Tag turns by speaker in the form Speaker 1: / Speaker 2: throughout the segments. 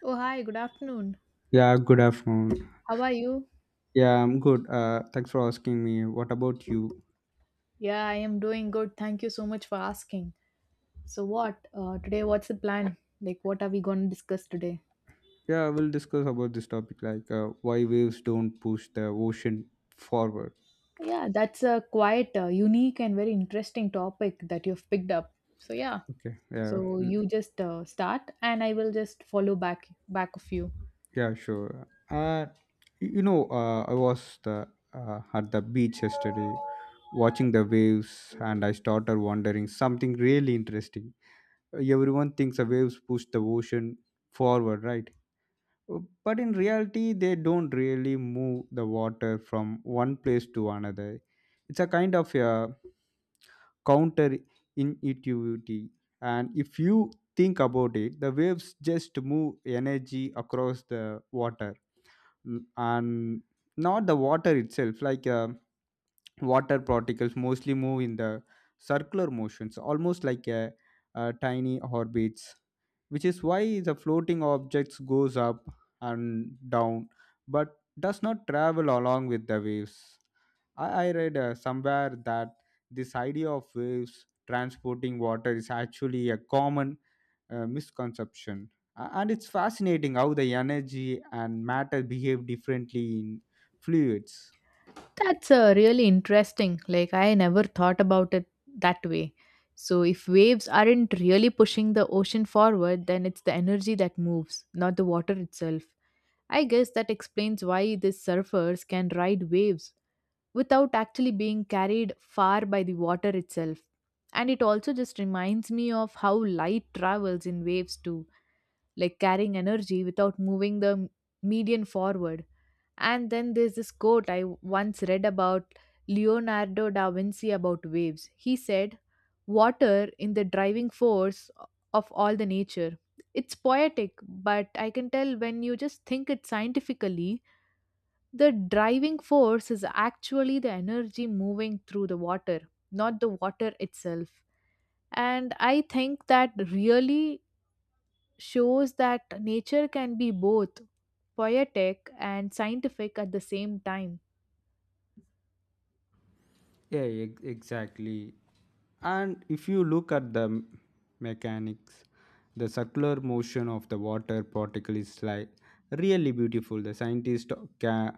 Speaker 1: Oh, hi, good afternoon.
Speaker 2: Yeah, good afternoon.
Speaker 1: How are you?
Speaker 2: Yeah, I'm good. Thanks for asking me. What about you?
Speaker 1: Yeah, I am doing good. Thank you so much for asking. So, what? Today, what's the plan? Like, what are we going to discuss today?
Speaker 2: Yeah, we'll discuss about this topic like why waves don't push the ocean forward.
Speaker 1: Yeah, that's a quite unique and very interesting topic that you've picked up. So, yeah,
Speaker 2: Okay. Yeah.
Speaker 1: so you just start and I will just follow back of you.
Speaker 2: Yeah. Sure. I was the at the beach yesterday, watching the waves, and I started wondering something really interesting. Everyone thinks the waves push the ocean forward, right? But in reality they don't really move the water from one place to another. It's a kind of a counter intuitivity, and if you think about it the waves just move energy across the water, and not the water itself. Water particles mostly move in the circular motions, almost like a tiny orbits, which is why the floating objects goes up and down but does not travel along with the waves. I read somewhere that this idea of waves transporting water is actually a common misconception. And it's fascinating how the energy and matter behave differently in fluids.
Speaker 1: That's really interesting. Like, I never thought about it that way. So, if waves aren't really pushing the ocean forward, then it's the energy that moves, not the water itself. I guess that explains why these surfers can ride waves without actually being carried far by the water itself. And it also just reminds me of how light travels in waves too, like carrying energy without moving the median forward. And then there's this quote I once read about Leonardo da Vinci about waves. He said, water in the driving force of all the nature. It's poetic, but I can tell when you just think it scientifically, the driving force is actually the energy moving through the water, not the water itself. And I think that really shows that nature can be both poetic and scientific at the same time.
Speaker 2: Yeah, exactly. And if you look at the mechanics, the circular motion of the water particle is like really beautiful. The scientists ca-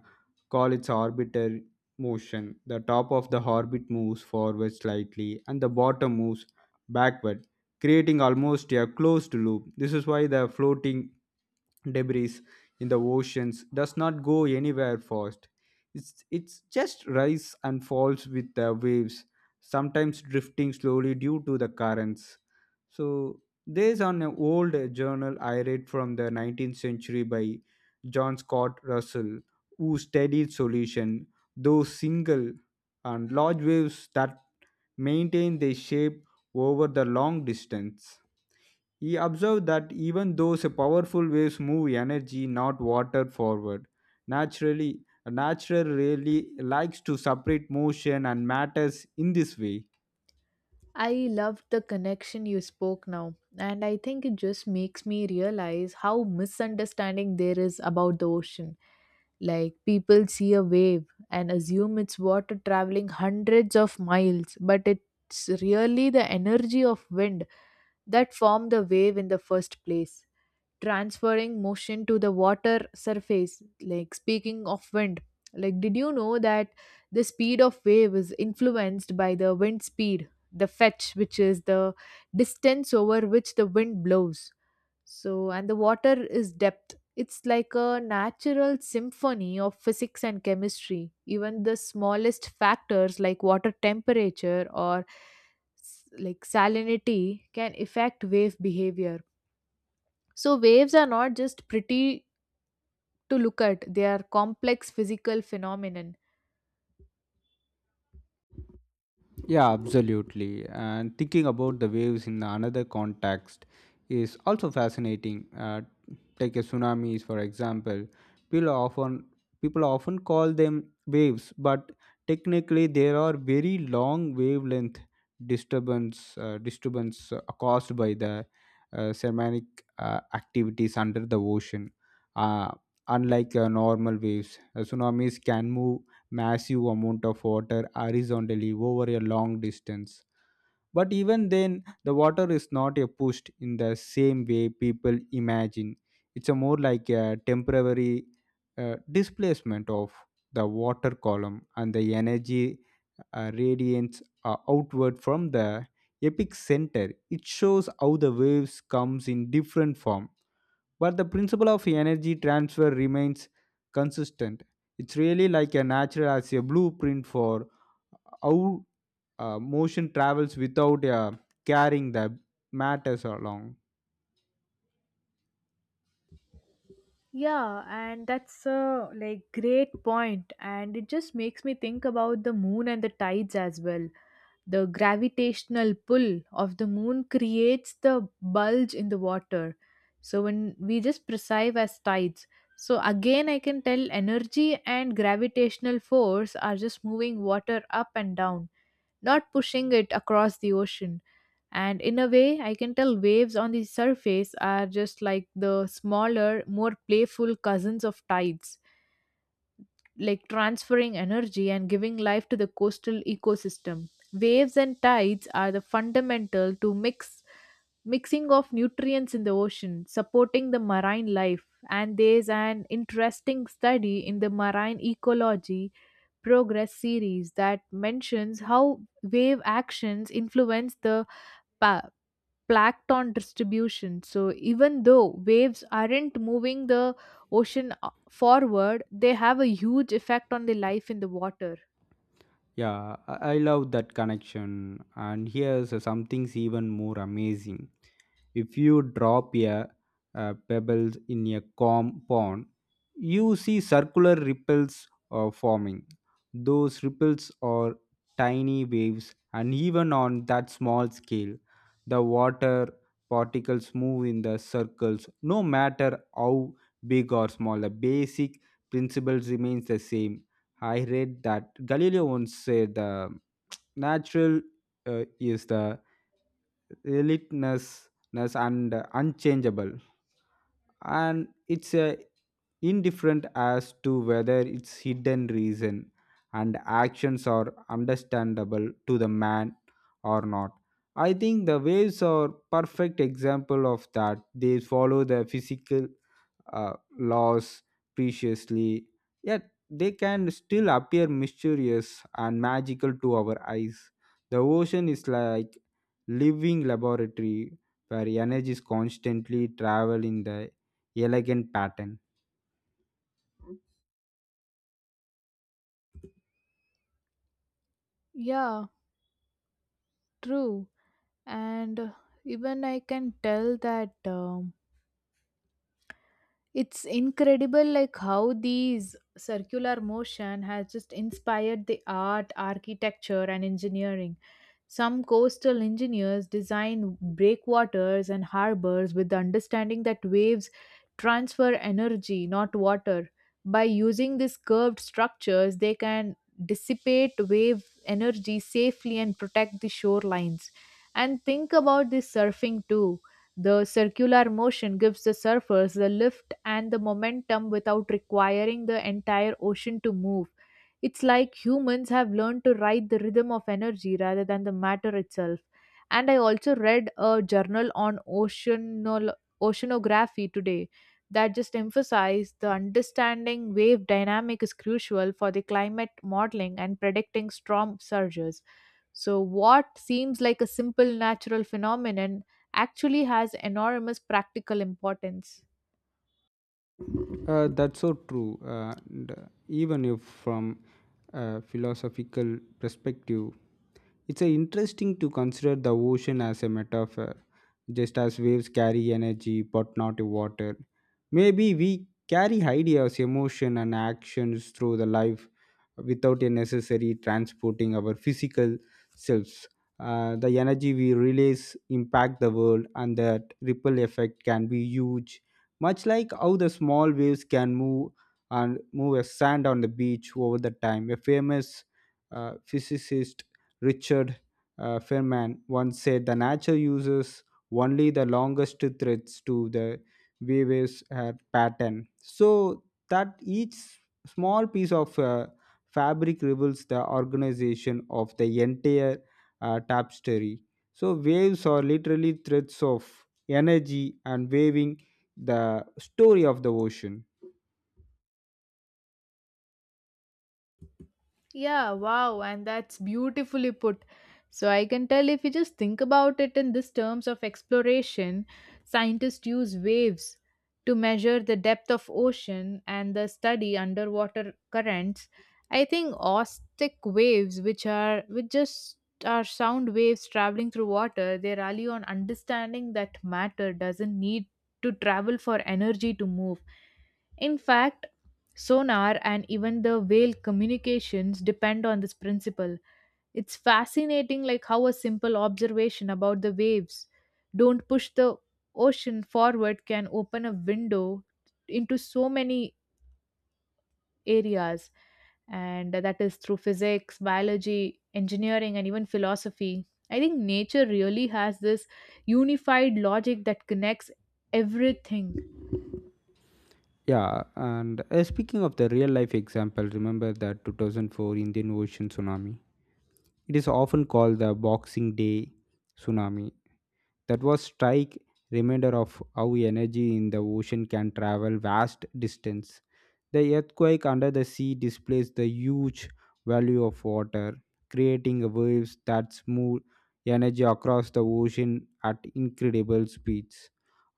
Speaker 2: call it's orbital motion. The top of the orbit moves forward slightly and the bottom moves backward, creating almost a closed loop. This is why the floating debris in the oceans does not go anywhere fast. It's just rise and falls with the waves, sometimes drifting slowly due to the currents. So, there's an old journal I read from the 19th century by John Scott Russell, who studied solution, though single and large waves that maintain their shape over the long distance. He observed that even those powerful waves move energy, not water, forward. Naturally, nature really likes to separate motion and matters in this way.
Speaker 1: I loved the connection you spoke now, and I think it just makes me realize how misunderstanding there is about the ocean. Like, people see a wave and assume it's water traveling hundreds of miles, but it's really the energy of wind that formed the wave in the first place, transferring motion to the water surface. Like speaking of wind, like did you know that the speed of wave is influenced by the wind speed, the fetch, which is the distance over which the wind blows. So and the water is depth. It's like a natural symphony of physics and chemistry. Even the smallest factors like water temperature or like salinity can affect wave behavior, so waves are not just pretty to look at, they are complex physical phenomenon.
Speaker 2: Yeah, absolutely. And thinking about the waves in another context is also fascinating. Take a tsunamis, for example. People often People often call them waves, but technically there are very long wavelength disturbance caused by the seismic activities under the ocean. Uh, unlike normal waves, tsunamis can move massive amount of water horizontally over a long distance. But even then, the water is not a pushed in the same way people imagine. It's a more like a temporary displacement of the water column, and the energy radiates outward from the epic center. It shows how the waves comes in different form, but the principle of energy transfer remains consistent. It's really like a natural as a blueprint for how motion travels without carrying the matters along.
Speaker 1: Yeah, and that's a like great point, and it just makes me think about the moon and the tides as well. The gravitational pull of the moon creates the bulge in the water. So when we just perceive as tides. So again, I can tell energy and gravitational force are just moving water up and down, not pushing it across the ocean. And in a way, I can tell waves on the surface are just like the smaller, more playful cousins of tides, like transferring energy and giving life to the coastal ecosystem. Waves and tides are the fundamental to mixing of nutrients in the ocean, supporting the marine life. And there's an interesting study in the Marine Ecology Progress Series that mentions how wave actions influence the pa- plankton distribution. So, even though waves aren't moving the ocean forward, they have a huge effect on the life in the water.
Speaker 2: Yeah, I love that connection. And here's something's even more amazing. If you drop a pebble in a calm pond, you see circular ripples forming. Those ripples are tiny waves, and even on that small scale the water particles move in the circles. No matter how big or small, the basic principle remains the same. I read that Galileo once said the natural uh, is the relentless and unchangeable, and it's indifferent as to whether its hidden reason and actions are understandable to the man or not. I think the waves are perfect example of that. They follow the physical laws preciously, yet they can still appear mysterious and magical to our eyes. The ocean is like living laboratory where energies constantly travel in the elegant pattern.
Speaker 1: Yeah, true. And even I can tell that. It's incredible like how these circular motion has just inspired the art, architecture and engineering. Some coastal engineers design breakwaters and harbors with the understanding that waves transfer energy, not water. By using these curved structures, they can dissipate wave energy safely and protect the shorelines. And think about the surfing too. The circular motion gives the surfers the lift and the momentum without requiring the entire ocean to move. It's like humans have learned to ride the rhythm of energy rather than the matter itself. And I also read a journal on oceanography today that just emphasized the understanding wave dynamic is crucial for the climate modeling and predicting storm surges. So, what seems like a simple natural phenomenon actually has enormous practical importance.
Speaker 2: That's so true. And even if from a philosophical perspective, it's interesting to consider the ocean as a metaphor. Just as waves carry energy but not water, maybe we carry ideas, emotion, and actions through the life without a necessary transporting our physical selves. The energy we release impact the world, and that ripple effect can be huge, much like how the small waves can move and move a sand on the beach over the time. A famous physicist, Richard Feynman, once said the nature uses only the longest threads to the waves pattern, so that each small piece of fabric reveals the organization of the entire tapestry. So waves are literally threads of energy and waving the story of the ocean.
Speaker 1: Yeah, wow, and that's beautifully put. So I can tell if you just think about it in this terms of exploration, scientists use waves to measure the depth of ocean and the study underwater currents. I think ostic waves, which are which just are sound waves traveling through water, they rely on understanding that matter doesn't need to travel for energy to move. In fact, sonar and even the whale communications depend on this principle. It's fascinating like how a simple observation about the waves don't push the ocean forward can open a window into so many areas, and that is through physics, biology, engineering and even philosophy. I think nature really has this unified logic that connects everything.
Speaker 2: Yeah, and speaking of the real life example, remember the 2004 Indian Ocean tsunami? It is often called the Boxing Day tsunami. That was strike reminder of how energy in the ocean can travel vast distance. The earthquake under the sea displays the huge value of water, creating waves that smooth energy across the ocean at incredible speeds,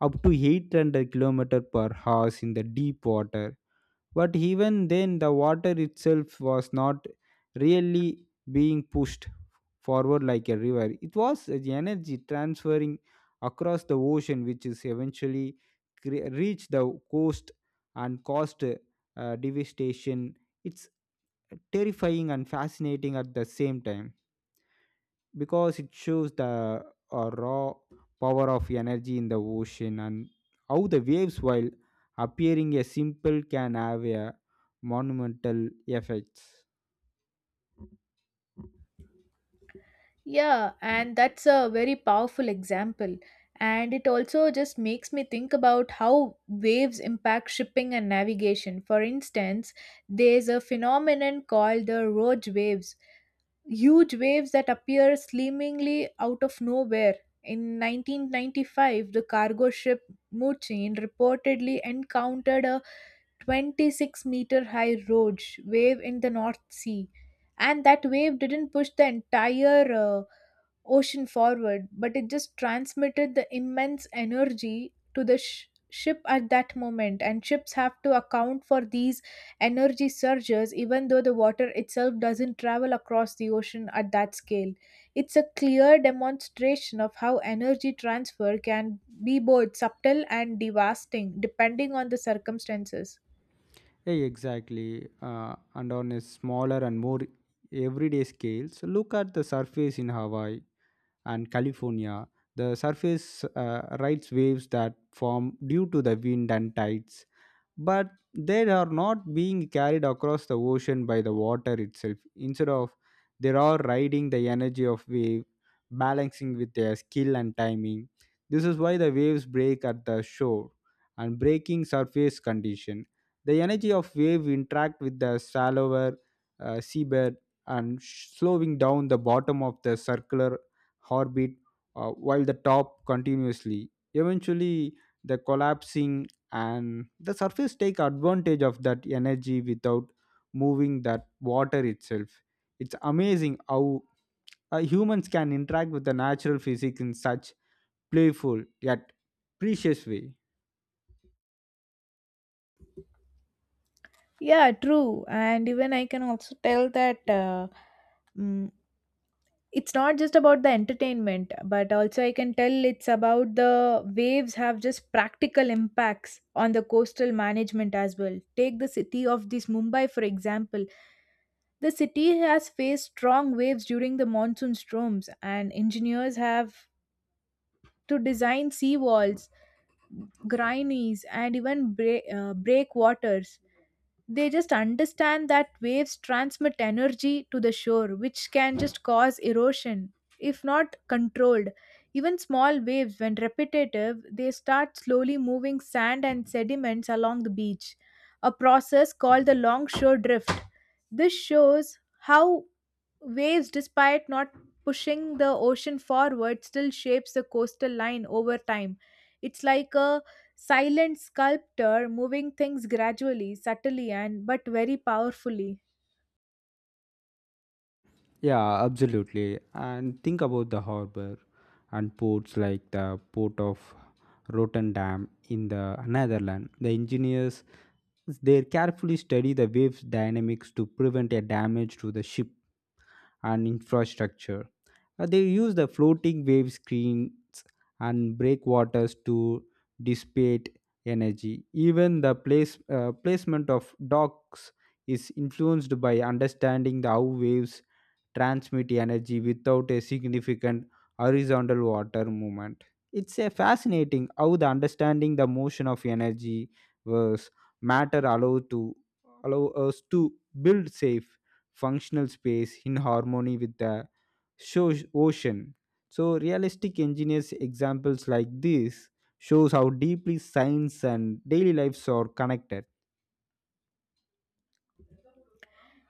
Speaker 2: up to 800 kilometers per hour in the deep water. But even then, the water itself was not really being pushed forward like a river. It was the energy transferring across the ocean, which is eventually reached the coast and caused devastation. It's terrifying and fascinating at the same time, because it shows the raw power of energy in the ocean and how the waves, while appearing a simple, can have a monumental effects.
Speaker 1: Yeah, and that's a very powerful example. And it also just makes me think about how waves impact shipping and navigation. For instance, there's a phenomenon called the rogue waves, huge waves that appear seemingly out of nowhere. In 1995, the cargo ship Muchin reportedly encountered a 26-meter high rogue wave in the North Sea, and that wave didn't push the entire ocean forward, but it just transmitted the immense energy to the ship at that moment. And ships have to account for these energy surges, even though the water itself doesn't travel across the ocean at that scale. It's a clear demonstration of how energy transfer can be both subtle and devastating, depending on the circumstances.
Speaker 2: Yeah, exactly. And on a smaller and more everyday scales, look at the surface in Hawaii and California. The surface rides waves that form due to the wind and tides, but they are not being carried across the ocean by the water itself. Instead of, they are riding the energy of wave, balancing with their skill and timing. This is why the waves break at the shore, and breaking surface condition, the energy of wave interact with the shallower seabed and slowing down the bottom of the circular orbit, while the top continuously eventually the collapsing, and the surface take advantage of that energy without moving that water itself. It's amazing how humans can interact with the natural physics in such playful yet precious way.
Speaker 1: Yeah, true. And even I can also tell that. Mm, it's not just about the entertainment, but also I can tell it's about the waves have just practical impacts on the coastal management as well. Take the city of this Mumbai for example. The city has faced strong waves during the monsoon storms, and engineers have to design sea walls, grinnies and even breakwaters. They just understand that waves transmit energy to the shore, which can just cause erosion if not controlled. Even small waves, when repetitive, they start slowly moving sand and sediments along the beach, a process called the longshore drift. This shows how waves, despite not pushing the ocean forward, still shapes the coastal line over time. It's like a silent sculptor moving things gradually, subtly, and but very powerfully.
Speaker 2: Yeah, absolutely. And think about the harbor and ports, like the port of Rotterdam in the Netherlands. The engineers, they carefully study the waves dynamics to prevent a damage to the ship and infrastructure. They use the floating wave screens and breakwaters to dissipate energy. Even the placement of docks is influenced by understanding the how waves transmit energy without a significant horizontal water movement. It's a fascinating how the understanding the motion of energy was matter allow us to build safe functional space in harmony with the ocean. So realistic engineers examples like this shows how deeply science and daily lives are connected.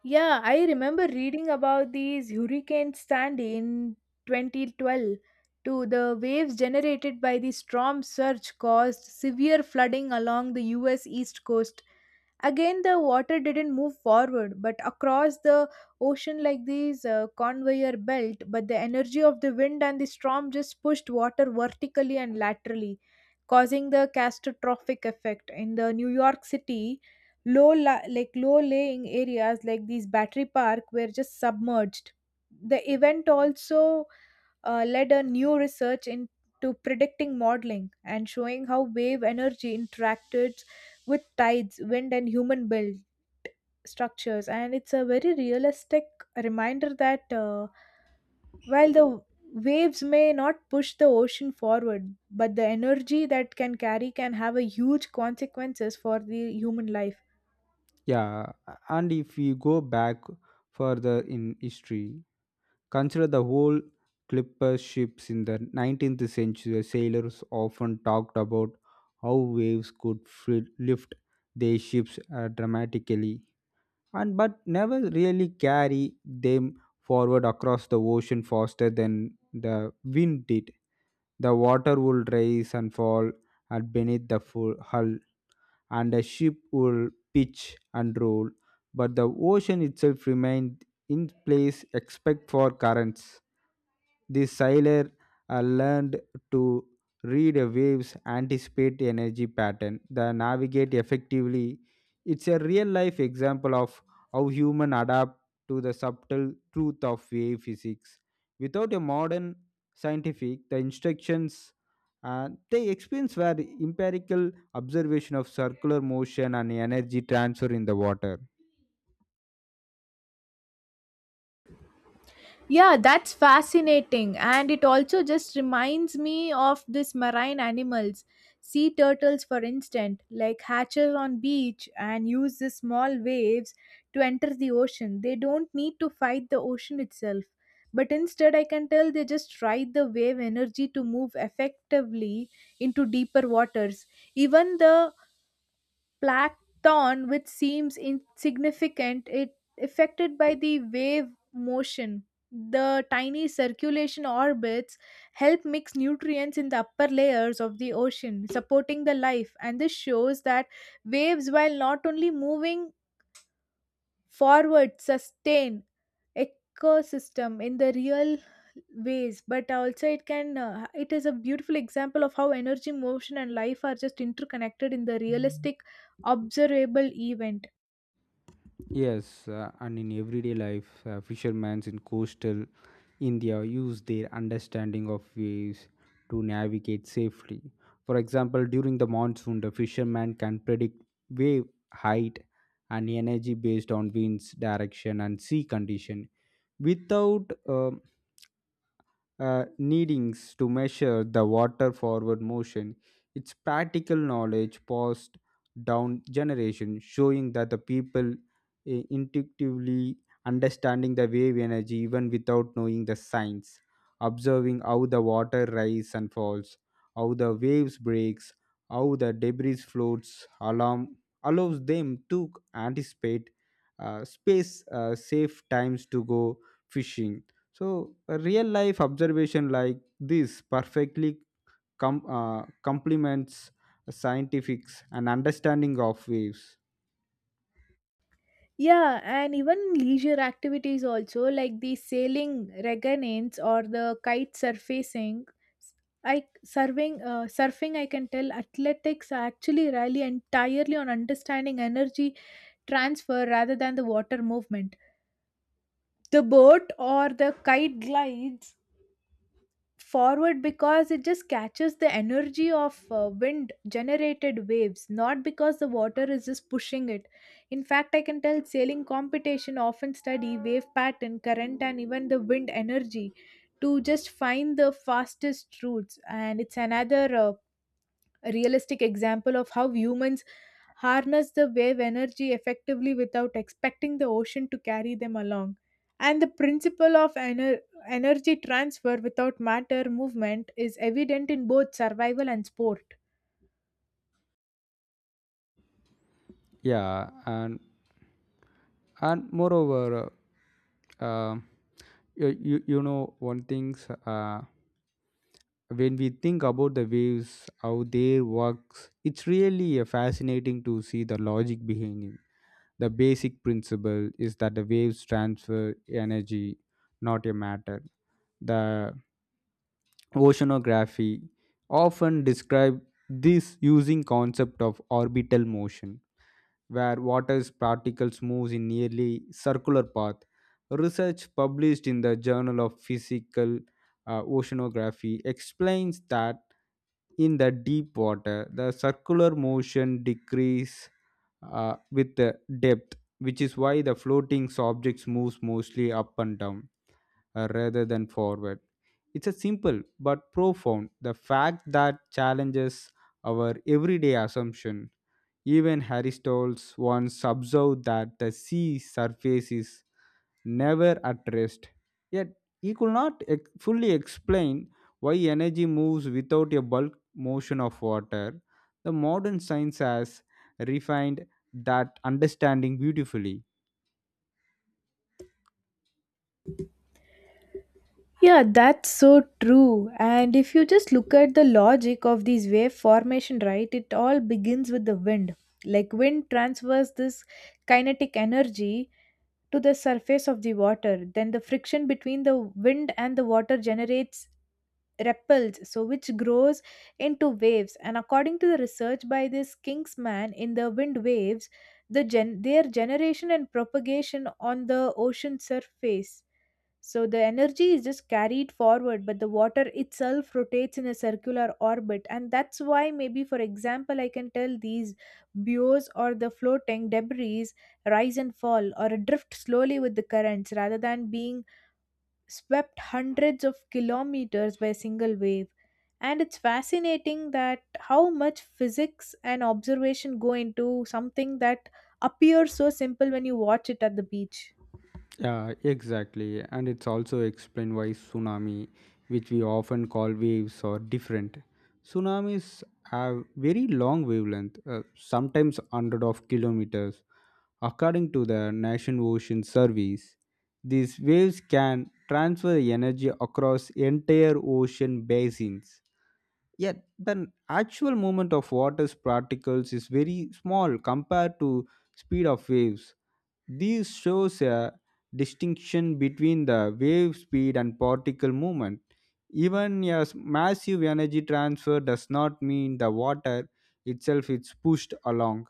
Speaker 1: Yeah, I remember reading about these Hurricane Sandy in 2012. To the waves generated by the storm surge caused severe flooding along the US East Coast. Again, the water didn't move forward, but across the ocean like this conveyor belt. But the energy of the wind and the storm just pushed water vertically and laterally, causing the catastrophic effect. In the New York City, like low laying areas like these Battery Park were just submerged. The event also led a new research into predicting modeling and showing how wave energy interacted with tides, wind, and human built structures. And it's a very realistic reminder that while the waves may not push the ocean forward, but the energy that can carry can have a huge consequences for the human life.
Speaker 2: Yeah, and if we go back further in history, consider the whole clipper ships in the 19th century. Sailors often talked about how waves could lift their ships dramatically, and but never really carry them forward across the ocean faster than the wind did. The water would rise and fall at beneath the full hull, and a ship would pitch and roll, but the ocean itself remained in place except for currents. The sailor learned to read a waves, anticipate energy pattern, the navigate effectively. It's a real life example of how human adapt to the subtle truth of wave physics. Without a modern scientific, the instructions they experience were empirical observation of circular motion and energy transfer in the water.
Speaker 1: Yeah, that's fascinating. And it also just reminds me of these marine animals. Sea turtles, for instance, like hatches on beach and use the small waves to enter the ocean. They don't need to fight the ocean itself. But instead, I can tell they just ride the wave energy to move effectively into deeper waters. Even the plankton, which seems insignificant, it affected by the wave motion. The tiny circulation orbits help mix nutrients in the upper layers of the ocean, supporting the life. And this shows that waves, while not only moving forward, sustain ecosystem in the real ways, but also it can it is a beautiful example of how energy, motion and life are just interconnected in the realistic observable event.
Speaker 2: Yes, and in everyday life, fishermen in coastal India use their understanding of waves to navigate safely. For example, during the monsoon, the fisherman can predict wave height and energy based on winds, direction, and sea condition without needings to measure the water forward motion. It's practical knowledge passed down generation, showing that the people intuitively understanding the wave energy even without knowing the science, observing how the water rises and falls, how the waves breaks, how the debris floats, alarm allows them to anticipate space safe times to go fishing. So, a real life observation like this perfectly complements scientifics and understanding of waves.
Speaker 1: Yeah, and even leisure activities also, like the sailing reganins or the kite surfacing, I surfing surfing, I can tell athletics actually rely entirely on understanding energy transfer rather than the water movement. The boat or the kite glides forward because it just catches the energy of wind generated waves, not because the water is just pushing it. In fact, I can tell sailing competition often study wave pattern, current and even the wind energy to just find the fastest routes, and it's another realistic example of how humans harness the wave energy effectively without expecting the ocean to carry them along. And the principle of energy transfer without matter movement is evident in both survival and sport.
Speaker 2: Yeah, and moreover, uh, um, one things, when we think about the waves, how they works, it's really fascinating to see the logic behind it. The basic principle is that the waves transfer energy, not a matter. The Oceanography often describe this using concept of orbital motion, where water's particles moves in nearly circular path. Research published in the Journal of Physical Oceanography explains that in the deep water the circular motion decrease with the depth, which is why the floating objects moves mostly up and down rather than forward. It's a simple but profound the fact that challenges our everyday assumption. Even Aristotle once observed that the sea surface is never at rest. Yet he could not fully explain why energy moves without a bulk motion of water. The modern science has refined that understanding beautifully.
Speaker 1: Yeah, that's so true. And if you just look at the logic of these wave formation, right, it all begins with the wind. Like wind transfers this kinetic energy to the surface of the water. Then the friction between the wind and the water generates ripples, so which grows into waves, and according to the research by this kingsman in the wind waves, the their generation and propagation on the ocean surface, so the energy is just carried forward, but the water itself rotates in a circular orbit. And that's why, maybe for example, I can tell these buoys or the floating debris rise and fall or drift slowly with the currents rather than being swept hundreds of kilometers by a single wave. And it's fascinating that how much physics and observation go into something that appears so simple when you watch it at the beach.
Speaker 2: Yeah, exactly. And it's also explained why tsunami, which we often call waves, are different. Tsunamis have very long wavelength, sometimes hundred of kilometers, according to the National Ocean Service. These waves can transfer energy across entire ocean basins. Yet the actual movement of water's particles is very small compared to speed of waves. This shows a distinction between the wave speed and particle movement. Even a massive energy transfer does not mean the water itself is pushed along.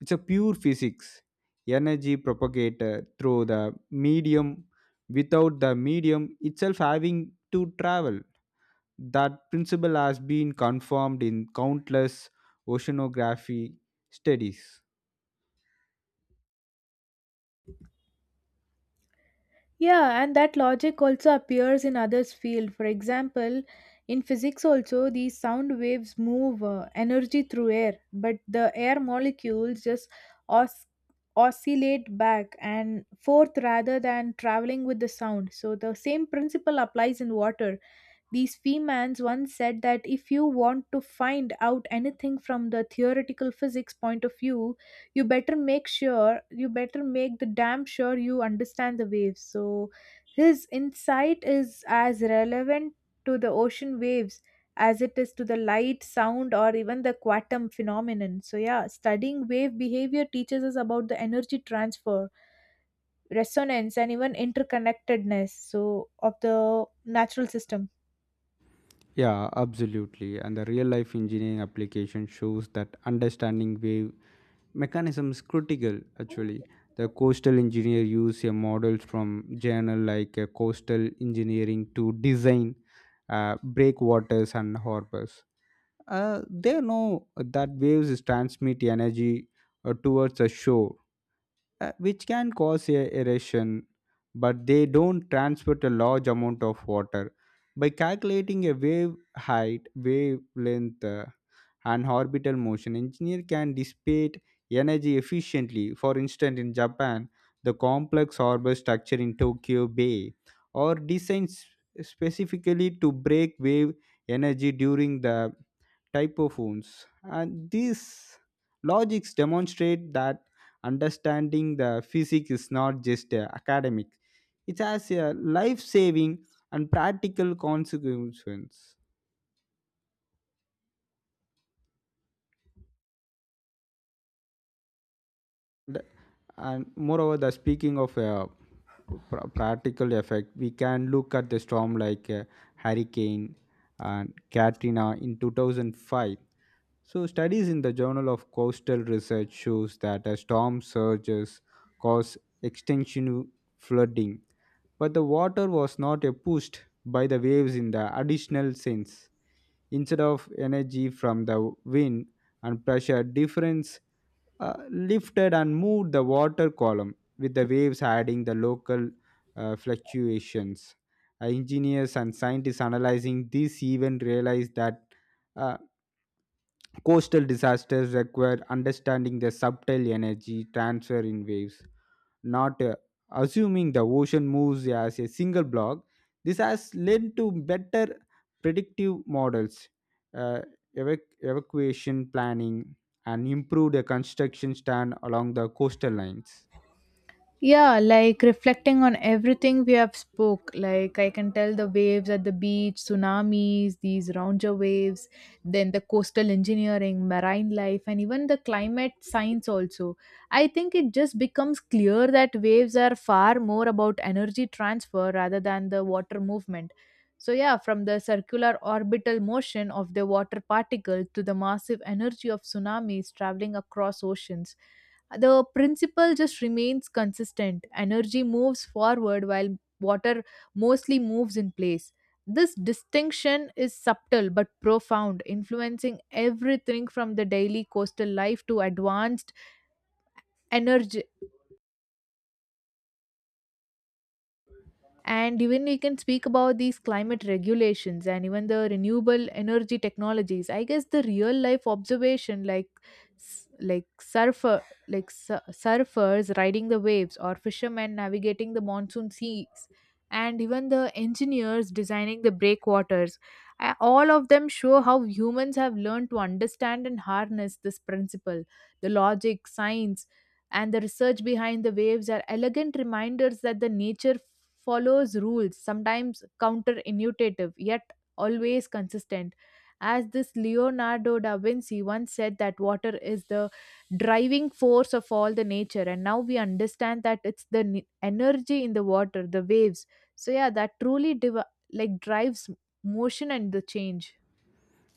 Speaker 2: It's a pure physics. Energy propagated through the medium without the medium itself having to travel. That principle has been confirmed in countless oceanography studies.
Speaker 1: Yeah, and that logic also appears in others' field. For example, in physics also, these sound waves move energy through air, but the air molecules just os- oscillate back and forth rather than traveling with the sound. So the same principle applies in water. These Feynmans once said that if you want to find out anything from the theoretical physics point of view, you better make sure, you better make the damn sure you understand the waves. So his insight is as relevant to the ocean waves as it is to the light, sound, or even the quantum phenomenon. So, yeah, studying wave behavior teaches us about the energy transfer, resonance, and even interconnectedness so of the natural system.
Speaker 2: Yeah, absolutely. And the real life engineering application shows that understanding wave mechanism is critical actually. The coastal engineer use a model from journal like coastal engineering to design breakwaters and harbors. They know that waves transmit energy towards the shore, which can cause a erosion, but they don't transport a large amount of water. By calculating a wave height, wavelength, and orbital motion, engineer can dissipate energy efficiently. For instance, in Japan, the complex harbor structure in Tokyo Bay are designed specifically to break wave energy during the typophones. And these logics demonstrate that understanding the physics is not just academic, it has a life saving and practical consequence. The- And moreover, the speaking of practical effect, we can look at the storm like Hurricane and Katrina in 2005. So, studies in the Journal of Coastal Research shows that a storm surges cause extensive flooding, but the water was not pushed by the waves in the additional sense. Instead of energy from the wind and pressure difference lifted and moved the water column, with the waves adding the local fluctuations. Engineers and scientists analyzing this even realized that uh, coastal disasters require understanding the subtle energy transfer in waves, not assuming the ocean moves as a single block. This has led to better predictive models, uh, evacuation planning, and improved construction stand along the coastal lines.
Speaker 1: Yeah, like reflecting on everything we have spoke, like I can tell the waves at the beach, tsunamis, these rounder waves, then the coastal engineering, marine life, and even the climate science also. I think it just becomes clear that waves are far more about energy transfer rather than the water movement. So yeah, from the circular orbital motion of the water particle to the massive energy of tsunamis traveling across oceans, the principle just remains consistent. Energy moves forward while water mostly moves in place. This distinction is subtle but profound, influencing everything from the daily coastal life to advanced energy, and even we can speak about these climate regulations and even the renewable energy technologies. I guess the real life observation like s- like surfer like su- surfers riding the waves, or fishermen navigating the monsoon seas, and even the engineers designing the breakwaters, all of them show how humans have learned to understand and harness this principle. The logic, science and the research behind the waves are elegant reminders that the nature follows rules, sometimes counterintuitive, yet always consistent. As this Leonardo da Vinci once said that water is the driving force of all the nature, and now we understand that it's the energy in the water, the waves. So yeah, that truly drives motion and the change.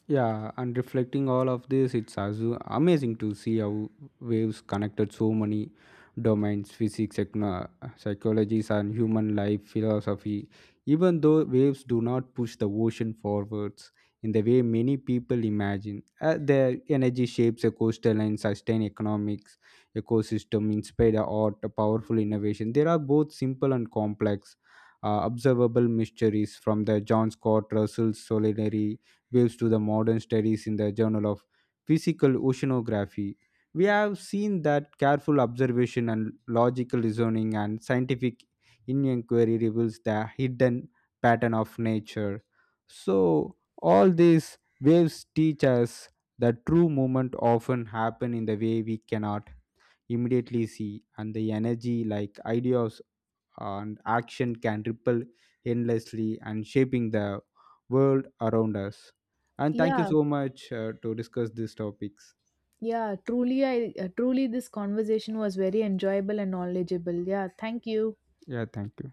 Speaker 2: Yeah, and reflecting all of this, it's also amazing to see how waves connected so many domains: physics, psychologies, and human life philosophy. Even though waves do not push the ocean forwards in the way many people imagine, their energy shapes a coastal and sustain economics, ecosystem, inspire art, a powerful innovation. There are both simple and complex. Observable mysteries from the John Scott Russell's Solitary gives to the modern studies in the Journal of Physical Oceanography. We have seen that careful observation and logical reasoning and scientific inquiry reveals the hidden pattern of nature. So, all these waves teach us that true movement often happen in the way we cannot immediately see, and the energy like ideas and action can ripple endlessly, and shaping the world around us. And thank you
Speaker 1: Yeah,
Speaker 2: so much to discuss these topics.
Speaker 1: yeah, truly, I truly this conversation was very enjoyable and knowledgeable. Yeah, thank you.
Speaker 2: Yeah, thank you.